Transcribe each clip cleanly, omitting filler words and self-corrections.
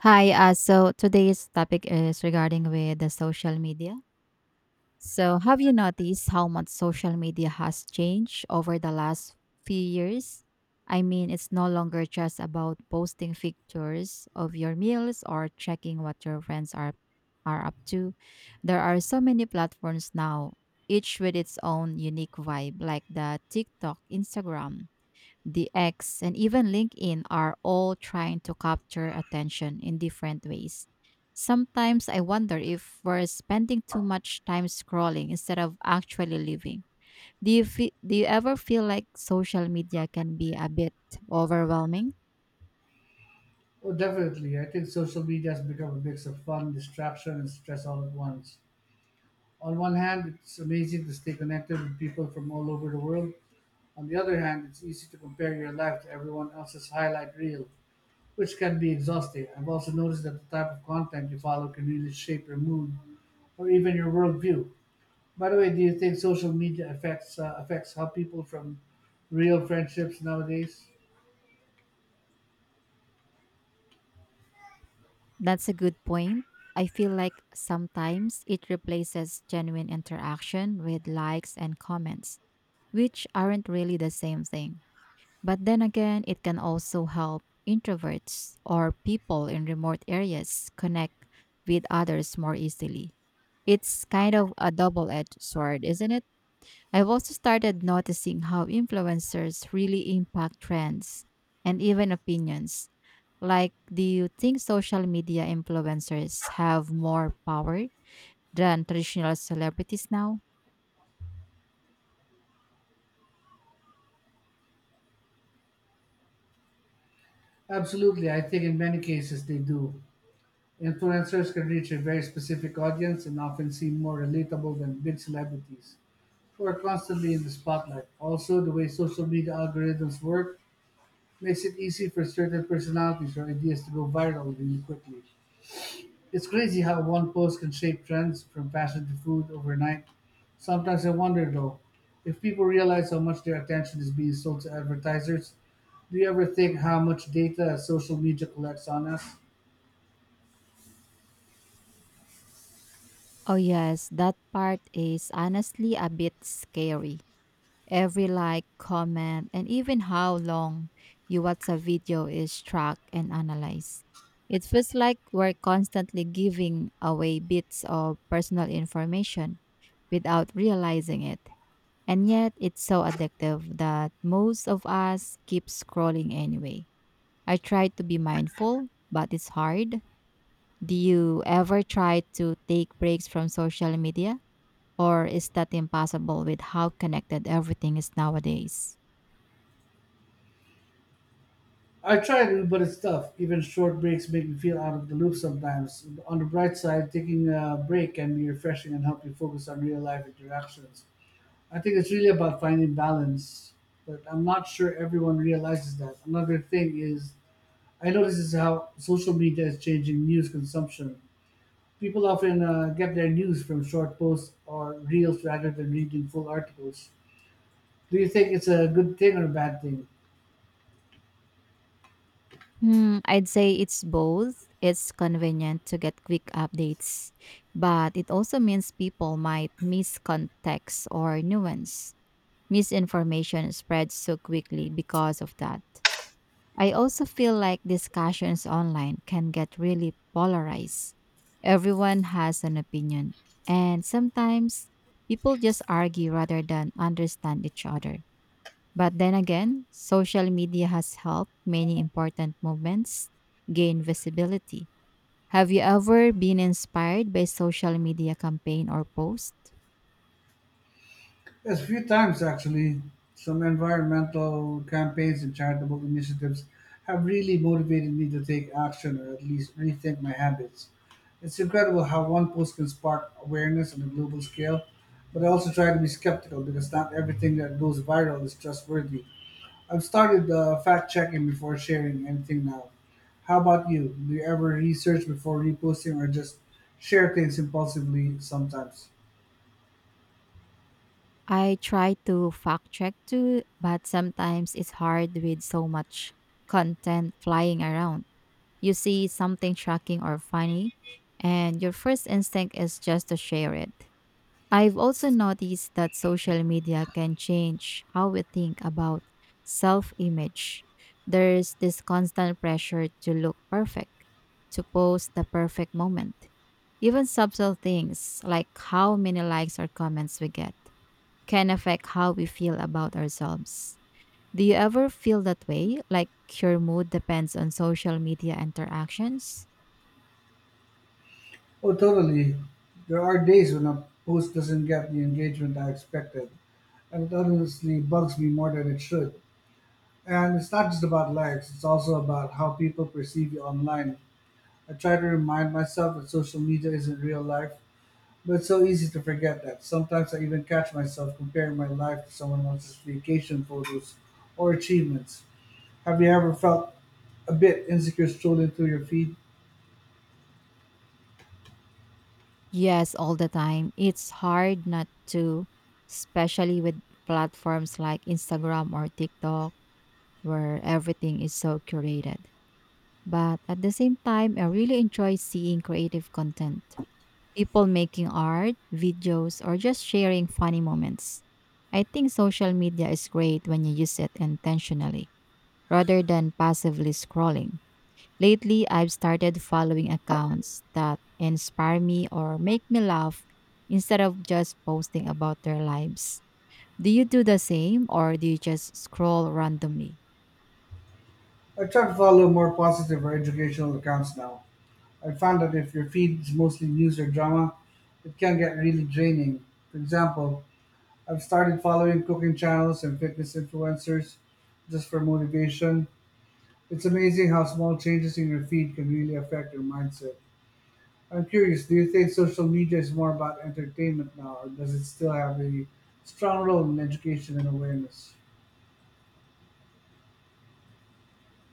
Hi, so today's topic is regarding with the social media. So, have you noticed how much social media has changed over the last few years? I mean, it's no longer just about posting pictures of your meals or checking what your friends are up to. There are so many platforms now, each with its own unique vibe, like the TikTok, Instagram, the X, and even LinkedIn are all trying to capture attention in different ways. Sometimes I wonder if we're spending too much time scrolling instead of actually living. Do you ever feel like social media can be a bit overwhelming? Oh, definitely. I think social media has become a mix of fun, distraction, and stress all at once. On one hand, it's amazing to stay connected with people from all over the world. On the other hand, it's easy to compare your life to everyone else's highlight reel, which can be exhausting. I've also noticed that the type of content you follow can really shape your mood or even your worldview. By the way, do you think social media affects affects how people from real friendships nowadays? That's a good point. I feel like sometimes it replaces genuine interaction with likes and comments, which aren't really the same thing. But then again, it can also help introverts or people in remote areas connect with others more easily. It's kind of a double edged sword, isn't it? I've also started noticing how influencers really impact trends and even opinions. Like, do you think social media influencers have more power than traditional celebrities now? Absolutely, I think in many cases they do. Influencers can reach a very specific audience and often seem more relatable than big celebrities who are constantly in the spotlight. Also, the way social media algorithms work makes it easy for certain personalities or ideas to go viral really quickly. It's crazy how one post can shape trends from fashion to food overnight. Sometimes I wonder though, if people realize how much their attention is being sold to advertisers, do you ever think how much data social media collects on us? Oh, yes, that part is honestly a bit scary. Every like, comment, and even how long you watch a video is tracked and analyzed. It feels like we're constantly giving away bits of personal information without realizing it. And yet, it's so addictive that most of us keep scrolling anyway. I try to be mindful, but it's hard. Do you ever try to take breaks from social media? Or is that impossible with how connected everything is nowadays? I try to, but it's tough. Even short breaks make me feel out of the loop sometimes. On the bright side, taking a break can be refreshing and help you focus on real life interactions. I think it's really about finding balance, but I'm not sure everyone realizes that. Another thing is, I notice is how social media is changing news consumption. People often get their news from short posts or reels rather than reading full articles. Do you think it's a good thing or a bad thing? Hmm, I'd say it's both. It's convenient to get quick updates, but it also means people might miss context or nuance. Misinformation spreads so quickly because of that. I also feel like discussions online can get really polarized. Everyone has an opinion, and sometimes people just argue rather than understand each other. But then again, social media has helped many important movements gain visibility. Have you ever been inspired by social media campaign or post? Yes, a few times actually. Some environmental campaigns and charitable initiatives have really motivated me to take action or at least rethink my habits. It's incredible how one post can spark awareness on a global scale, but I also try to be skeptical because not everything that goes viral is trustworthy. I've started fact checking before sharing anything now. How about you? Do you ever research before reposting or just share things impulsively sometimes? I try to fact check too, but sometimes it's hard with so much content flying around. You see something shocking or funny, and your first instinct is just to share it. I've also noticed that social media can change how we think about self image. There's this constant pressure to look perfect, to post the perfect moment. Even subtle things like how many likes or comments we get can affect how we feel about ourselves. Do you ever feel that way? Like your mood depends on social media interactions? Oh, totally. There are days when a post doesn't get the engagement I expected, and it honestly bugs me more than it should. And it's not just about likes, it's also about how people perceive you online. I try to remind myself that social media isn't real life, but it's so easy to forget that. Sometimes I even catch myself comparing my life to someone else's vacation photos or achievements. Have you ever felt a bit insecure strolling through your feed? Yes, all the time. It's hard not to, especially with platforms like Instagram or TikTok, where everything is so curated. But at the same time, I really enjoy seeing creative content, people making art, videos, or just sharing funny moments. I think social media is great when you use it intentionally rather than passively scrolling. Lately, I've started following accounts that inspire me or make me laugh instead of just posting about their lives. Do you do the same or do you just scroll randomly? I try to follow more positive or educational accounts now. I found that if your feed is mostly news or drama, it can get really draining. For example, I've started following cooking channels and fitness influencers just for motivation. It's amazing how small changes in your feed can really affect your mindset. I'm curious, do you think social media is more about entertainment now, or does it still have a strong role in education and awareness?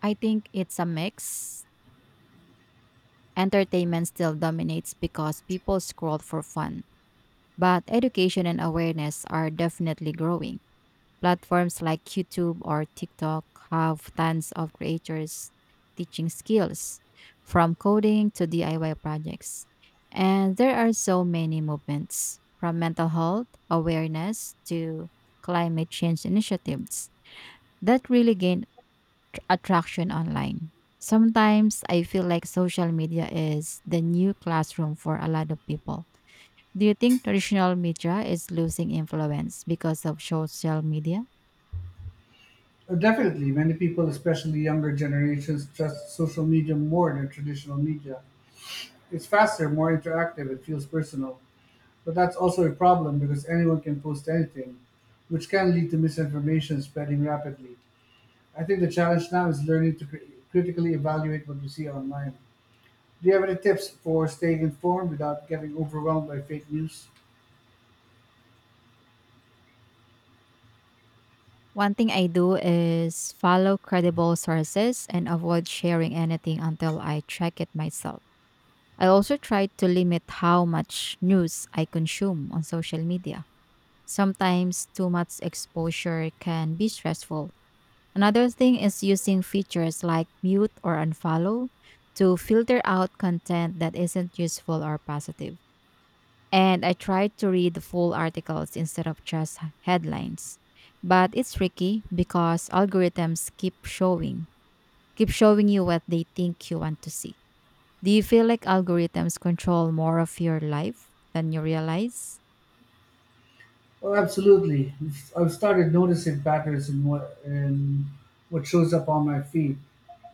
I think it's a mix. Entertainment still dominates because people scroll for fun, but education and awareness are definitely growing. Platforms like YouTube or TikTok have tons of creators teaching skills from coding to DIY projects. And there are so many movements from mental health awareness to climate change initiatives that really gain attraction online. Sometimes I feel like social media is the new classroom for a lot of people. Do you think traditional media is losing influence because of social media? Definitely, many people, especially younger generations, trust social media more than traditional media. It's faster, more interactive, it feels personal. But that's also a problem because anyone can post anything, which can lead to misinformation spreading rapidly. I think the challenge now is learning to critically evaluate what we see online. Do you have any tips for staying informed without getting overwhelmed by fake news? One thing I do is follow credible sources and avoid sharing anything until I check it myself. I also try to limit how much news I consume on social media. Sometimes too much exposure can be stressful. Another thing is using features like mute or unfollow to filter out content that isn't useful or positive, and I try to read the full articles instead of just headlines. But it's tricky because algorithms keep showing you what they think you want to see. Do you feel like algorithms control more of your life than you realize? Well, absolutely. I've started noticing patterns in what shows up on my feed.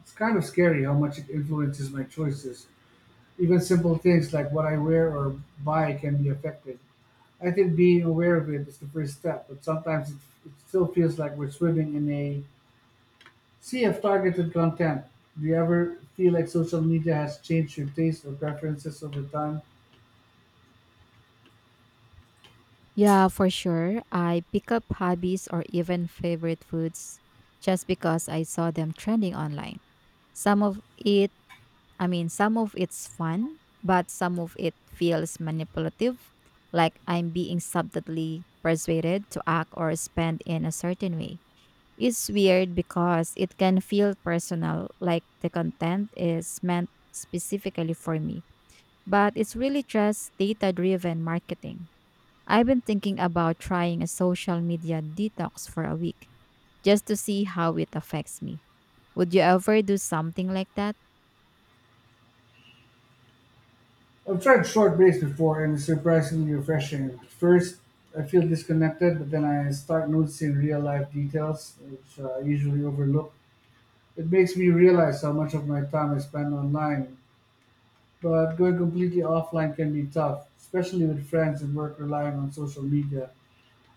It's kind of scary how much it influences my choices. Even simple things like what I wear or buy can be affected. I think being aware of it is the first step, but sometimes it still feels like we're swimming in a sea of targeted content. Do you ever feel like social media has changed your taste or preferences over time? Yeah, for sure. I pick up hobbies or even favorite foods just because I saw them trending online. Some of it some of it's fun, but some of it feels manipulative, like I'm being subtly persuaded to act or spend in a certain way. It's weird because it can feel personal, like the content is meant specifically for me, but it's really just data driven marketing. I've been thinking about trying a social media detox for a week just to see how it affects me. Would you ever do something like that? I've tried short breaks before and it's surprisingly refreshing. At first, I feel disconnected, but then I start noticing real life details, which I usually overlook. It makes me realize how much of my time I spend online, but going completely offline can be tough, especially with friends and work relying on social media.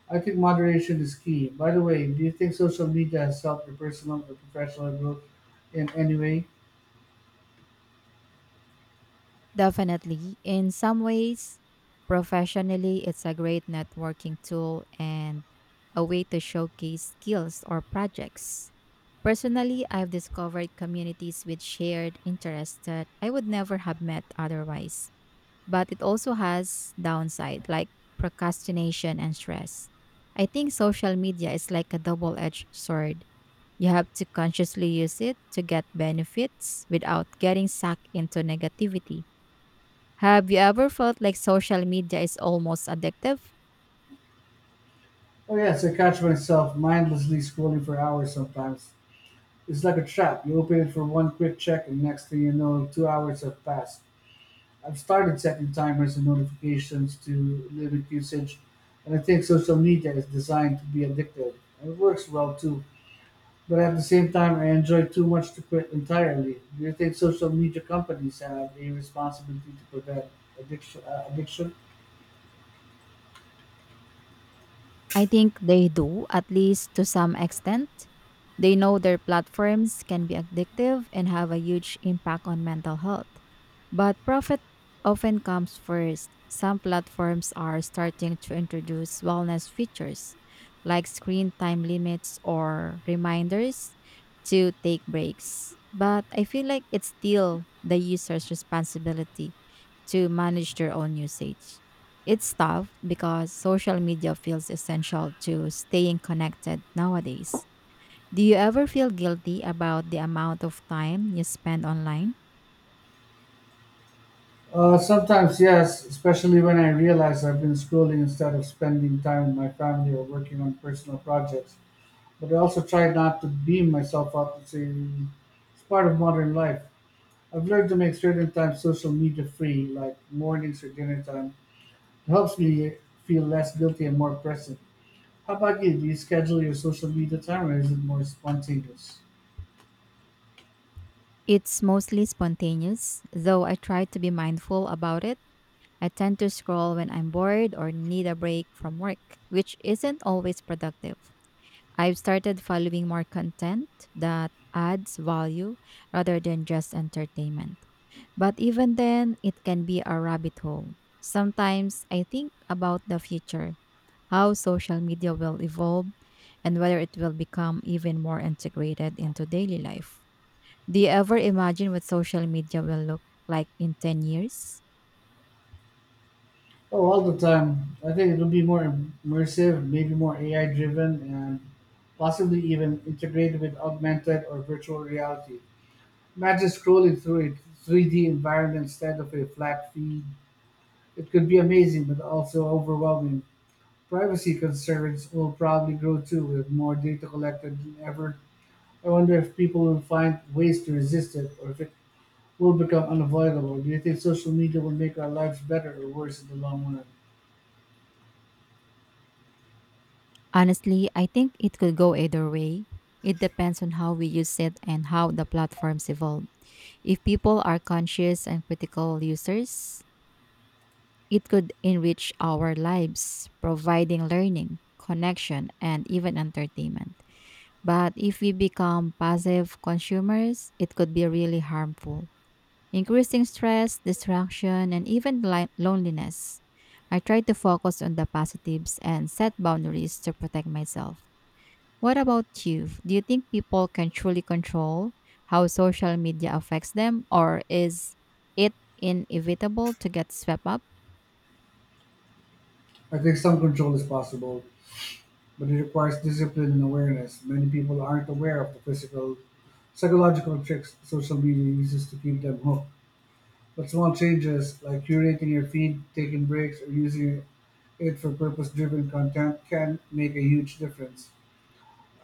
I think moderation is key. By the way, do you think social media has helped your personal or professional growth in any way? Definitely. In some ways, professionally, it's a great networking tool and a way to showcase skills or projects. Personally, I've discovered communities with shared interests that I would never have met otherwise. But it also has downside like procrastination and stress. I think social media is like a double-edged sword. You have to consciously use it to get benefits without getting sucked into negativity. Have you ever felt like social media is almost addictive? Oh yes, I catch myself mindlessly scrolling for hours sometimes. It's like a trap. You open it for one quick check and next thing you know, 2 hours have passed. I've started setting timers and notifications to limit usage and I think social media is designed to be addictive. And it works well too. But at the same time, I enjoy too much to quit entirely. Do you think social media companies have a responsibility to prevent addiction? I think they do, at least to some extent. They know their platforms can be addictive and have a huge impact on mental health. But profit often comes first. Some platforms are starting to introduce wellness features like screen time limits or reminders to take breaks. But I feel like it's still the user's responsibility to manage their own usage. It's tough because social media feels essential to staying connected nowadays. Do you ever feel guilty about the amount of time you spend online? Sometimes, yes, especially when I realize I've been scrolling instead of spending time with my family or working on personal projects. But I also try not to beam myself up. It's part of modern life. I've learned to make certain times social media free, like mornings or dinner time. It helps me feel less guilty and more present. How about you? Do you schedule your social media time or is it more spontaneous? It's mostly spontaneous, though I try to be mindful about it. I tend to scroll when I'm bored or need a break from work, which isn't always productive. I've started following more content that adds value rather than just entertainment. But even then, it can be a rabbit hole. Sometimes I think about the future, how social media will evolve, and whether it will become even more integrated into daily life. Do you ever imagine what social media will look like in 10 years? Oh, all the time. I think it'll be more immersive, maybe more AI driven, and possibly even integrated with augmented or virtual reality. Imagine scrolling through a 3D environment instead of a flat feed. It could be amazing, but also overwhelming. Privacy concerns will probably grow too with more data collected than ever. I wonder if people will find ways to resist it or if it will become unavoidable. Do you think social media will make our lives better or worse in the long run? Honestly, I think it could go either way. It depends on how we use it and how the platforms evolve. If people are conscious and critical users, it could enrich our lives, providing learning, connection, and even entertainment. But if we become passive consumers, it could be really harmful, increasing stress, distraction, and even loneliness. I try to focus on the positives and set boundaries to protect myself. What about you? Do you think people can truly control how social media affects them, or is it inevitable to get swept up? I think some control is possible, but it requires discipline and awareness. Many people aren't aware of the physical, psychological tricks social media uses to keep them hooked. But small changes like curating your feed, taking breaks, or using it for purpose driven content can make a huge difference.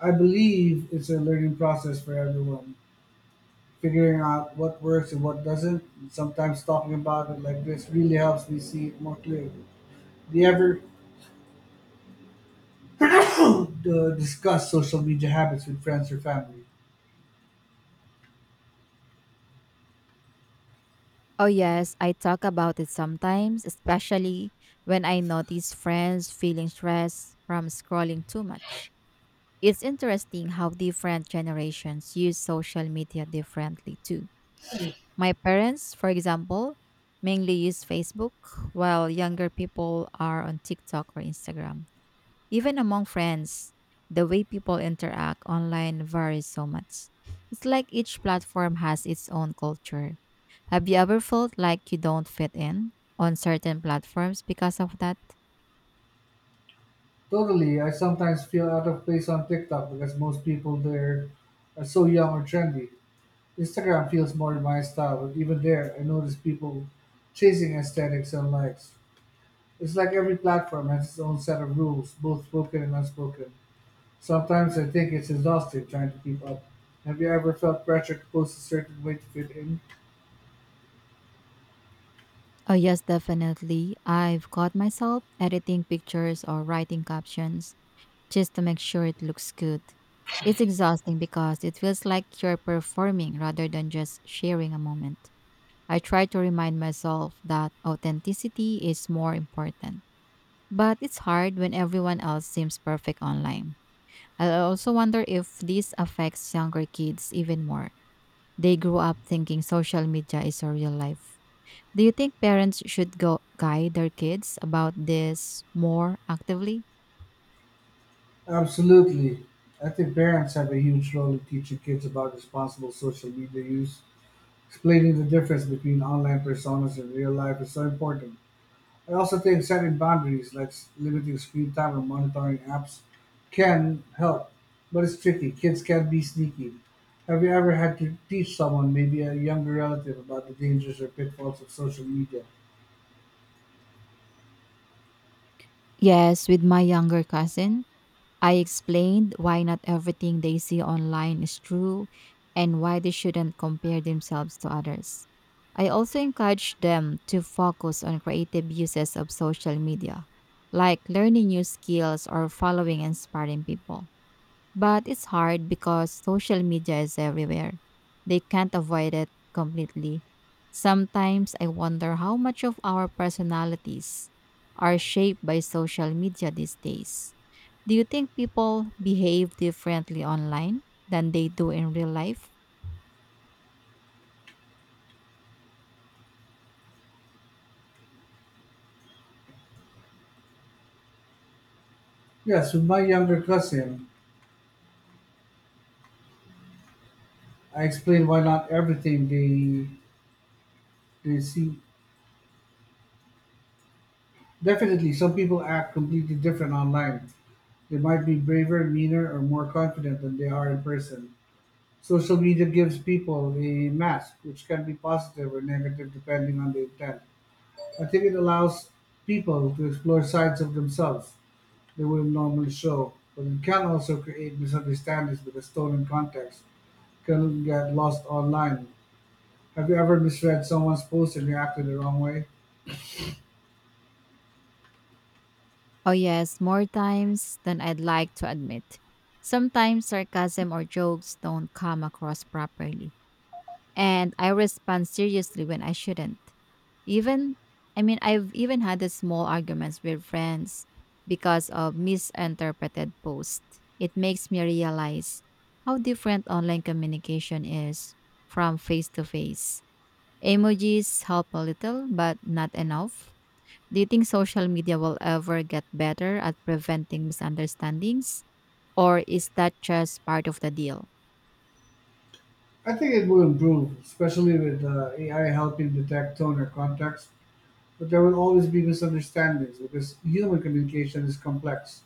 I believe it's a learning process for everyone, figuring out what works and what doesn't. Sometimes talking about it like this really helps me see it more clearly. Do you ever uh, discuss social media habits with friends or family? Oh, yes, I talk about it sometimes, especially when I notice friends feeling stressed from scrolling too much. It's interesting how different generations use social media differently, too. My parents, for example, mainly use Facebook, while younger people are on TikTok or Instagram. Even among friends, the way people interact online varies so much. It's like each platform has its own culture. Have you ever felt like you don't fit in on certain platforms because of that? Totally. I sometimes feel out of place on TikTok because most people there are so young or trendy. Instagram feels more my style, but even there, I notice people chasing aesthetics and likes. It's like every platform has its own set of rules, both spoken and unspoken. Sometimes I think it's exhausting trying to keep up. Have you ever felt pressure to post a certain way to fit in? Oh, yes, definitely. I've caught myself editing pictures or writing captions just to make sure it looks good. It's exhausting because it feels like you're performing rather than just sharing a moment. I try to remind myself that authenticity is more important. But it's hard when everyone else seems perfect online. I also wonder if this affects younger kids even more. They grow up thinking social media is a real life. Do you think parents should go guide their kids about this more actively? Absolutely. I think parents have a huge role in teaching kids about responsible social media use. Explaining the difference between online personas and real life is so important. I also think setting boundaries, like limiting screen time or monitoring apps, can help, but it's tricky. Kids can be sneaky. Have you ever had to teach someone, maybe a younger relative, about the dangers or pitfalls of social media? Yes, with my younger cousin, I explained why not everything they see online is true and why they shouldn't compare themselves to others. I also encouraged them to focus on creative uses of social media, like learning new skills or following inspiring people. But it's hard because social media is everywhere. They can't avoid it completely. Sometimes I wonder how much of our personalities are shaped by social media these days. Do you think people behave differently online than they do in real life? Yes, with my younger cousin, I explained why not everything they see. Definitely, some people act completely different online. They might be braver, meaner, or more confident than they are in person. Social media gives people a mask, which can be positive or negative depending on the intent. I think it allows people to explore sides of themselves they wouldn't normally show, but it can also create misunderstandings because stolen context can get lost online. Have you ever misread someone's post and reacted the wrong way? Oh, yes, more times than I'd like to admit. Sometimes sarcasm or jokes don't come across properly and I respond seriously when I shouldn't. Even, I've even had the small arguments with friends because of misinterpreted posts. It makes me realize how different online communication is from face to face. Emojis help a little, but not enough. Do you think social media will ever get better at preventing misunderstandings, or is that just part of the deal? I think it will improve, especially with AI helping detect tone or context. But there will always be misunderstandings because human communication is complex.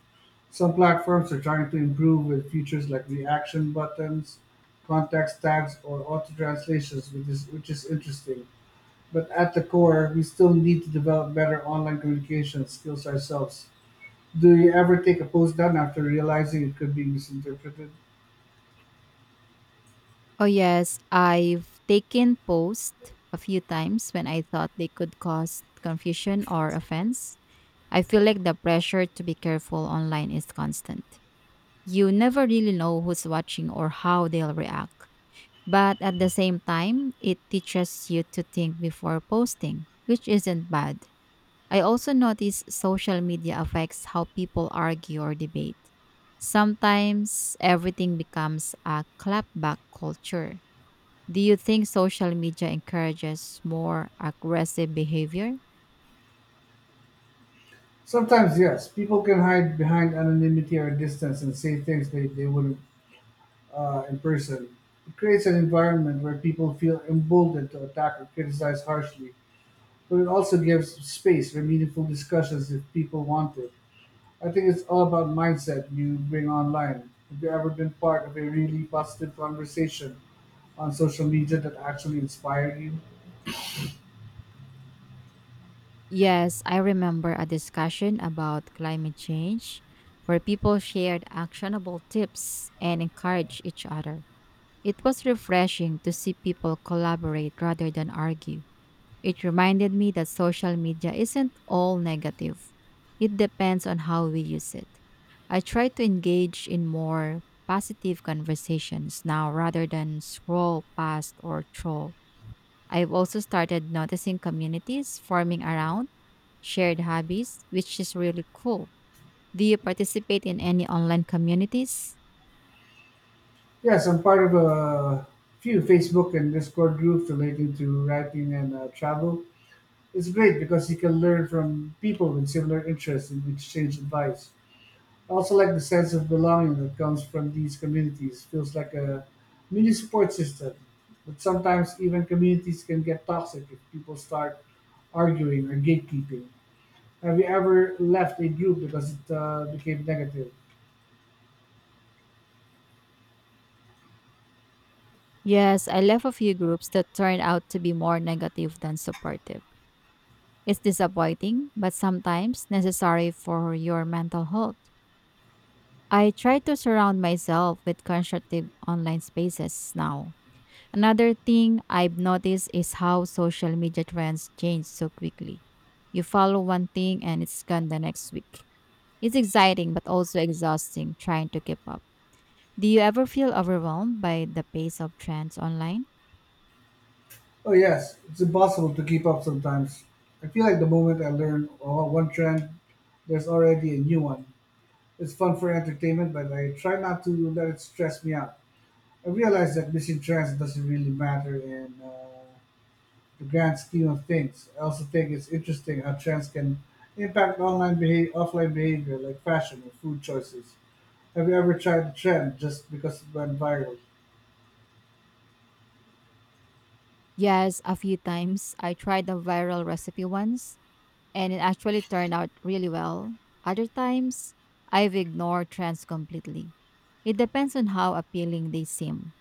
Some platforms are trying to improve with features like reaction buttons, context tags, or auto translations, which is interesting. But at the core, we still need to develop better online communication skills ourselves. Do you ever take a post down after realizing it could be misinterpreted? Oh yes, I've taken posts a few times when I thought they could cause confusion or offense. I feel like the pressure to be careful online is constant. You never really know who's watching or how they'll react. But at the same time, it teaches you to think before posting, which isn't bad. I also notice social media affects how people argue or debate. Sometimes everything becomes a clapback culture. Do you think social media encourages more aggressive behavior? Sometimes, yes, people can hide behind anonymity or distance and say things they wouldn't in person. It creates an environment where people feel emboldened to attack or criticize harshly, but it also gives space for meaningful discussions if people want it. I think it's all about mindset you bring online. Have you ever been part of a really positive conversation on social media that actually inspired you? Yes, I remember a discussion about climate change where people shared actionable tips and encouraged each other. It was refreshing to see people collaborate rather than argue. It reminded me that social media isn't all negative. It depends on how we use it. I try to engage in more positive conversations now rather than scroll past or troll. I've also started noticing communities forming around shared hobbies, which is really cool. Do you participate in any online communities? Yes, I'm part of a few Facebook and Discord groups relating to writing and travel. It's great because you can learn from people with similar interests and exchange advice. I also like the sense of belonging that comes from these communities. Feels like a mini support system. But sometimes even communities can get toxic if people start arguing or gatekeeping. Have you ever left a group because it became negative? Yes, I left a few groups that turned out to be more negative than supportive. It's disappointing, but sometimes necessary for your mental health. I try to surround myself with constructive online spaces now. Another thing I've noticed is how social media trends change so quickly. You follow one thing and it's gone the next week. It's exciting but also exhausting trying to keep up. Do you ever feel overwhelmed by the pace of trends online? Oh, yes, it's impossible to keep up sometimes. I feel like the moment I learn one trend, there's already a new one. It's fun for entertainment, but I try not to let it stress me out. I realize that missing trends doesn't really matter in the grand scheme of things. I also think it's interesting how trends can impact online behavior, offline behavior, like fashion or food choices. Have you ever tried a trend just because it went viral? Yes, a few times. I tried a viral recipe once and it actually turned out really well. Other times, I've ignored trends completely. It depends on how appealing they seem.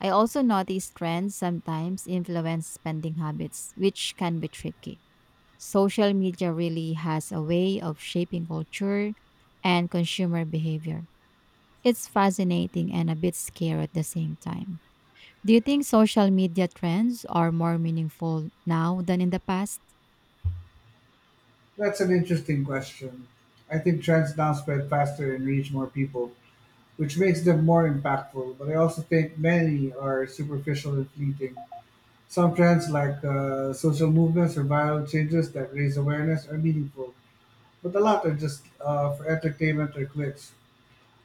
I also notice trends sometimes influence spending habits, which can be tricky. Social media really has a way of shaping culture and consumer behavior. It's fascinating and a bit scary at the same time. Do you think social media trends are more meaningful now than in the past? That's an interesting question. I think trends now spread faster and reach more people, which makes them more impactful. But I also think many are superficial and fleeting. Some trends, like social movements or viral changes that raise awareness, are meaningful, but a lot are just for entertainment or clicks.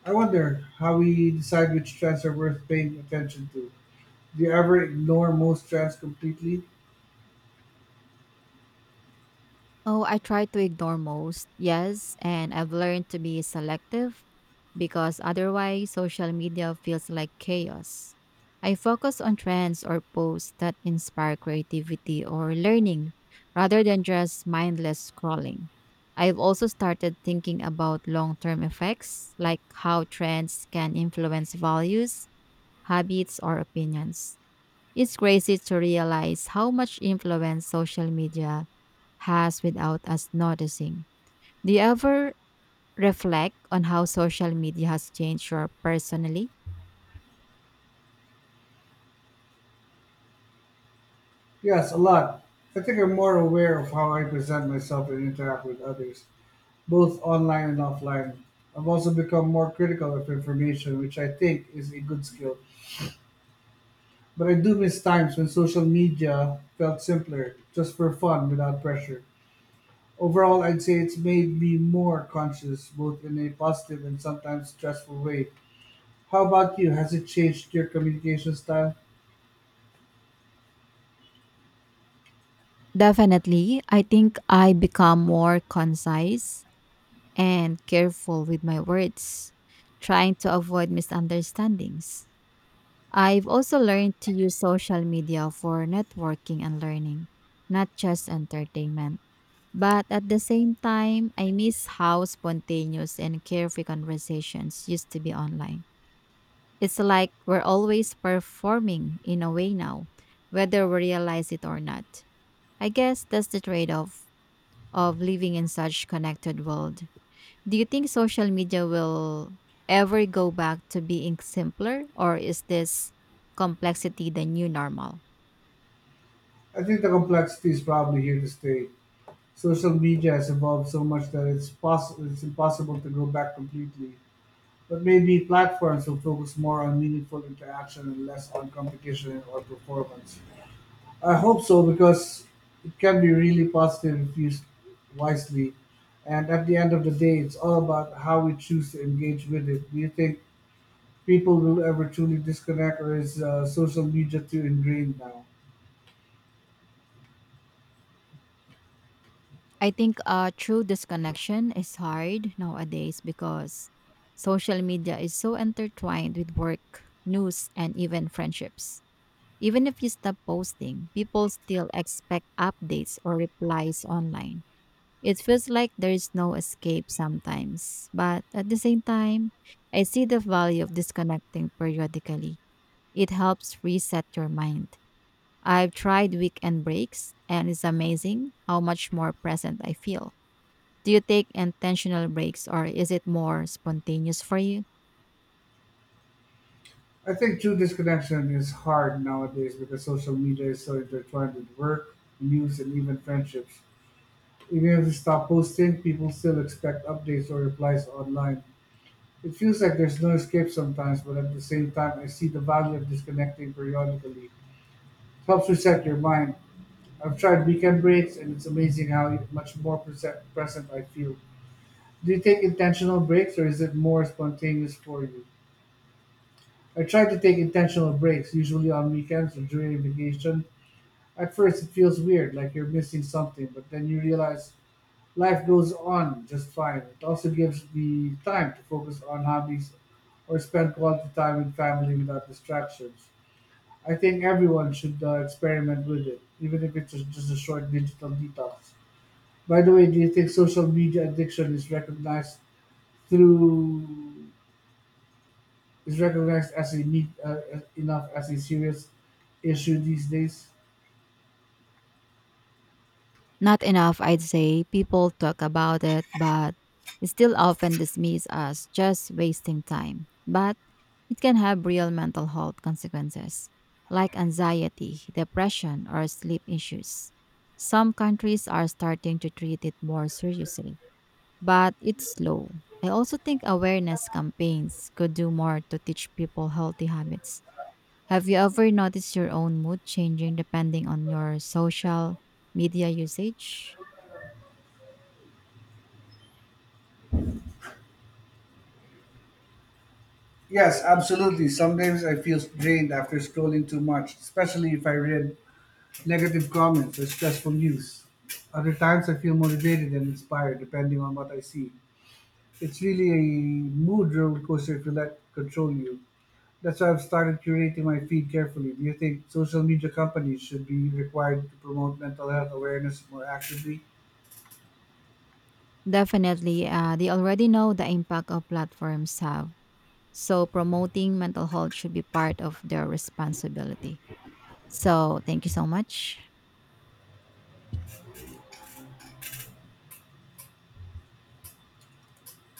I wonder how we decide which trends are worth paying attention to. Do you ever ignore most trends completely? Oh, I try to ignore most, yes, and I've learned to be selective because otherwise social media feels like chaos. I focus on trends or posts that inspire creativity or learning rather than just mindless scrolling. I've also started thinking about long term effects, like how trends can influence values, habits, or opinions. It's crazy to realize how much influence social media has without us noticing. Do you ever reflect on how social media has changed your personally? Yes, a lot. I think I'm more aware of how I present myself and interact with others, both online and offline. I've also become more critical of information, which I think is a good skill. But I do miss times when social media felt simpler, just for fun without pressure. Overall, I'd say it's made me more conscious, both in a positive and sometimes stressful way. How about you? Has it changed your communication style? Definitely. I think I become more concise and careful with my words, trying to avoid misunderstandings. I've also learned to use social media for networking and learning, not just entertainment. But at the same time, I miss how spontaneous and carefree conversations used to be online. It's like we're always performing in a way now, whether we realize it or not. I guess that's the trade off of living in such connected world. Do you think social media will ever go back to being simpler or is this complexity the new normal? I think the complexity is probably here to stay. Social media has evolved so much that it's possible it's impossible to go back completely. But maybe platforms will focus more on meaningful interaction and less on competition or performance. I hope so, because it can be really positive if used wisely. And at the end of the day, it's all about how we choose to engage with it. Do you think people will ever truly disconnect, or is social media too ingrained now? I think true disconnection is hard nowadays because social media is so intertwined with work, news and even friendships. Even if you stop posting, people still expect updates or replies online. It feels like there is no escape sometimes, but at the same time, I see the value of disconnecting periodically. It helps reset your mind. I've tried weekend breaks, and it's amazing how much more present I feel. Do you take intentional breaks or is it more spontaneous for you? I think true disconnection is hard nowadays because social media is so intertwined with work, news, and even friendships. Even if you stop posting, people still expect updates or replies online. It feels like there's no escape sometimes, but at the same time, I see the value of disconnecting periodically. It helps reset your mind. I've tried weekend breaks, and it's amazing how much more present I feel. Do you take intentional breaks, or is it more spontaneous for you? I try to take intentional breaks, usually on weekends or during vacation. At first, it feels weird, like you're missing something, but then you realize life goes on just fine. It also gives me time to focus on hobbies or spend quality time with family without distractions. I think everyone should experiment with it, even if it's just a short digital detox. By the way, do you think social media addiction is recognized through as a need enough as a serious issue these days? Not enough, I'd say. People talk about it, but it's still often dismissed as just wasting time. But it can have real mental health consequences, like anxiety, depression, or sleep issues. Some countries are starting to treat it more seriously, but it's slow. I also think awareness campaigns could do more to teach people healthy habits. Have you ever noticed your own mood changing depending on your social media usage? Yes, absolutely. Sometimes I feel drained after scrolling too much, especially if I read negative comments or stressful news. Other times I feel motivated and inspired depending on what I see. It's really a mood roller coaster if you let control you. That's why I've started curating my feed carefully. Do you think social media companies should be required to promote mental health awareness more actively? Definitely, they already know the impact of platforms have. So promoting mental health should be part of their responsibility. So thank you so much.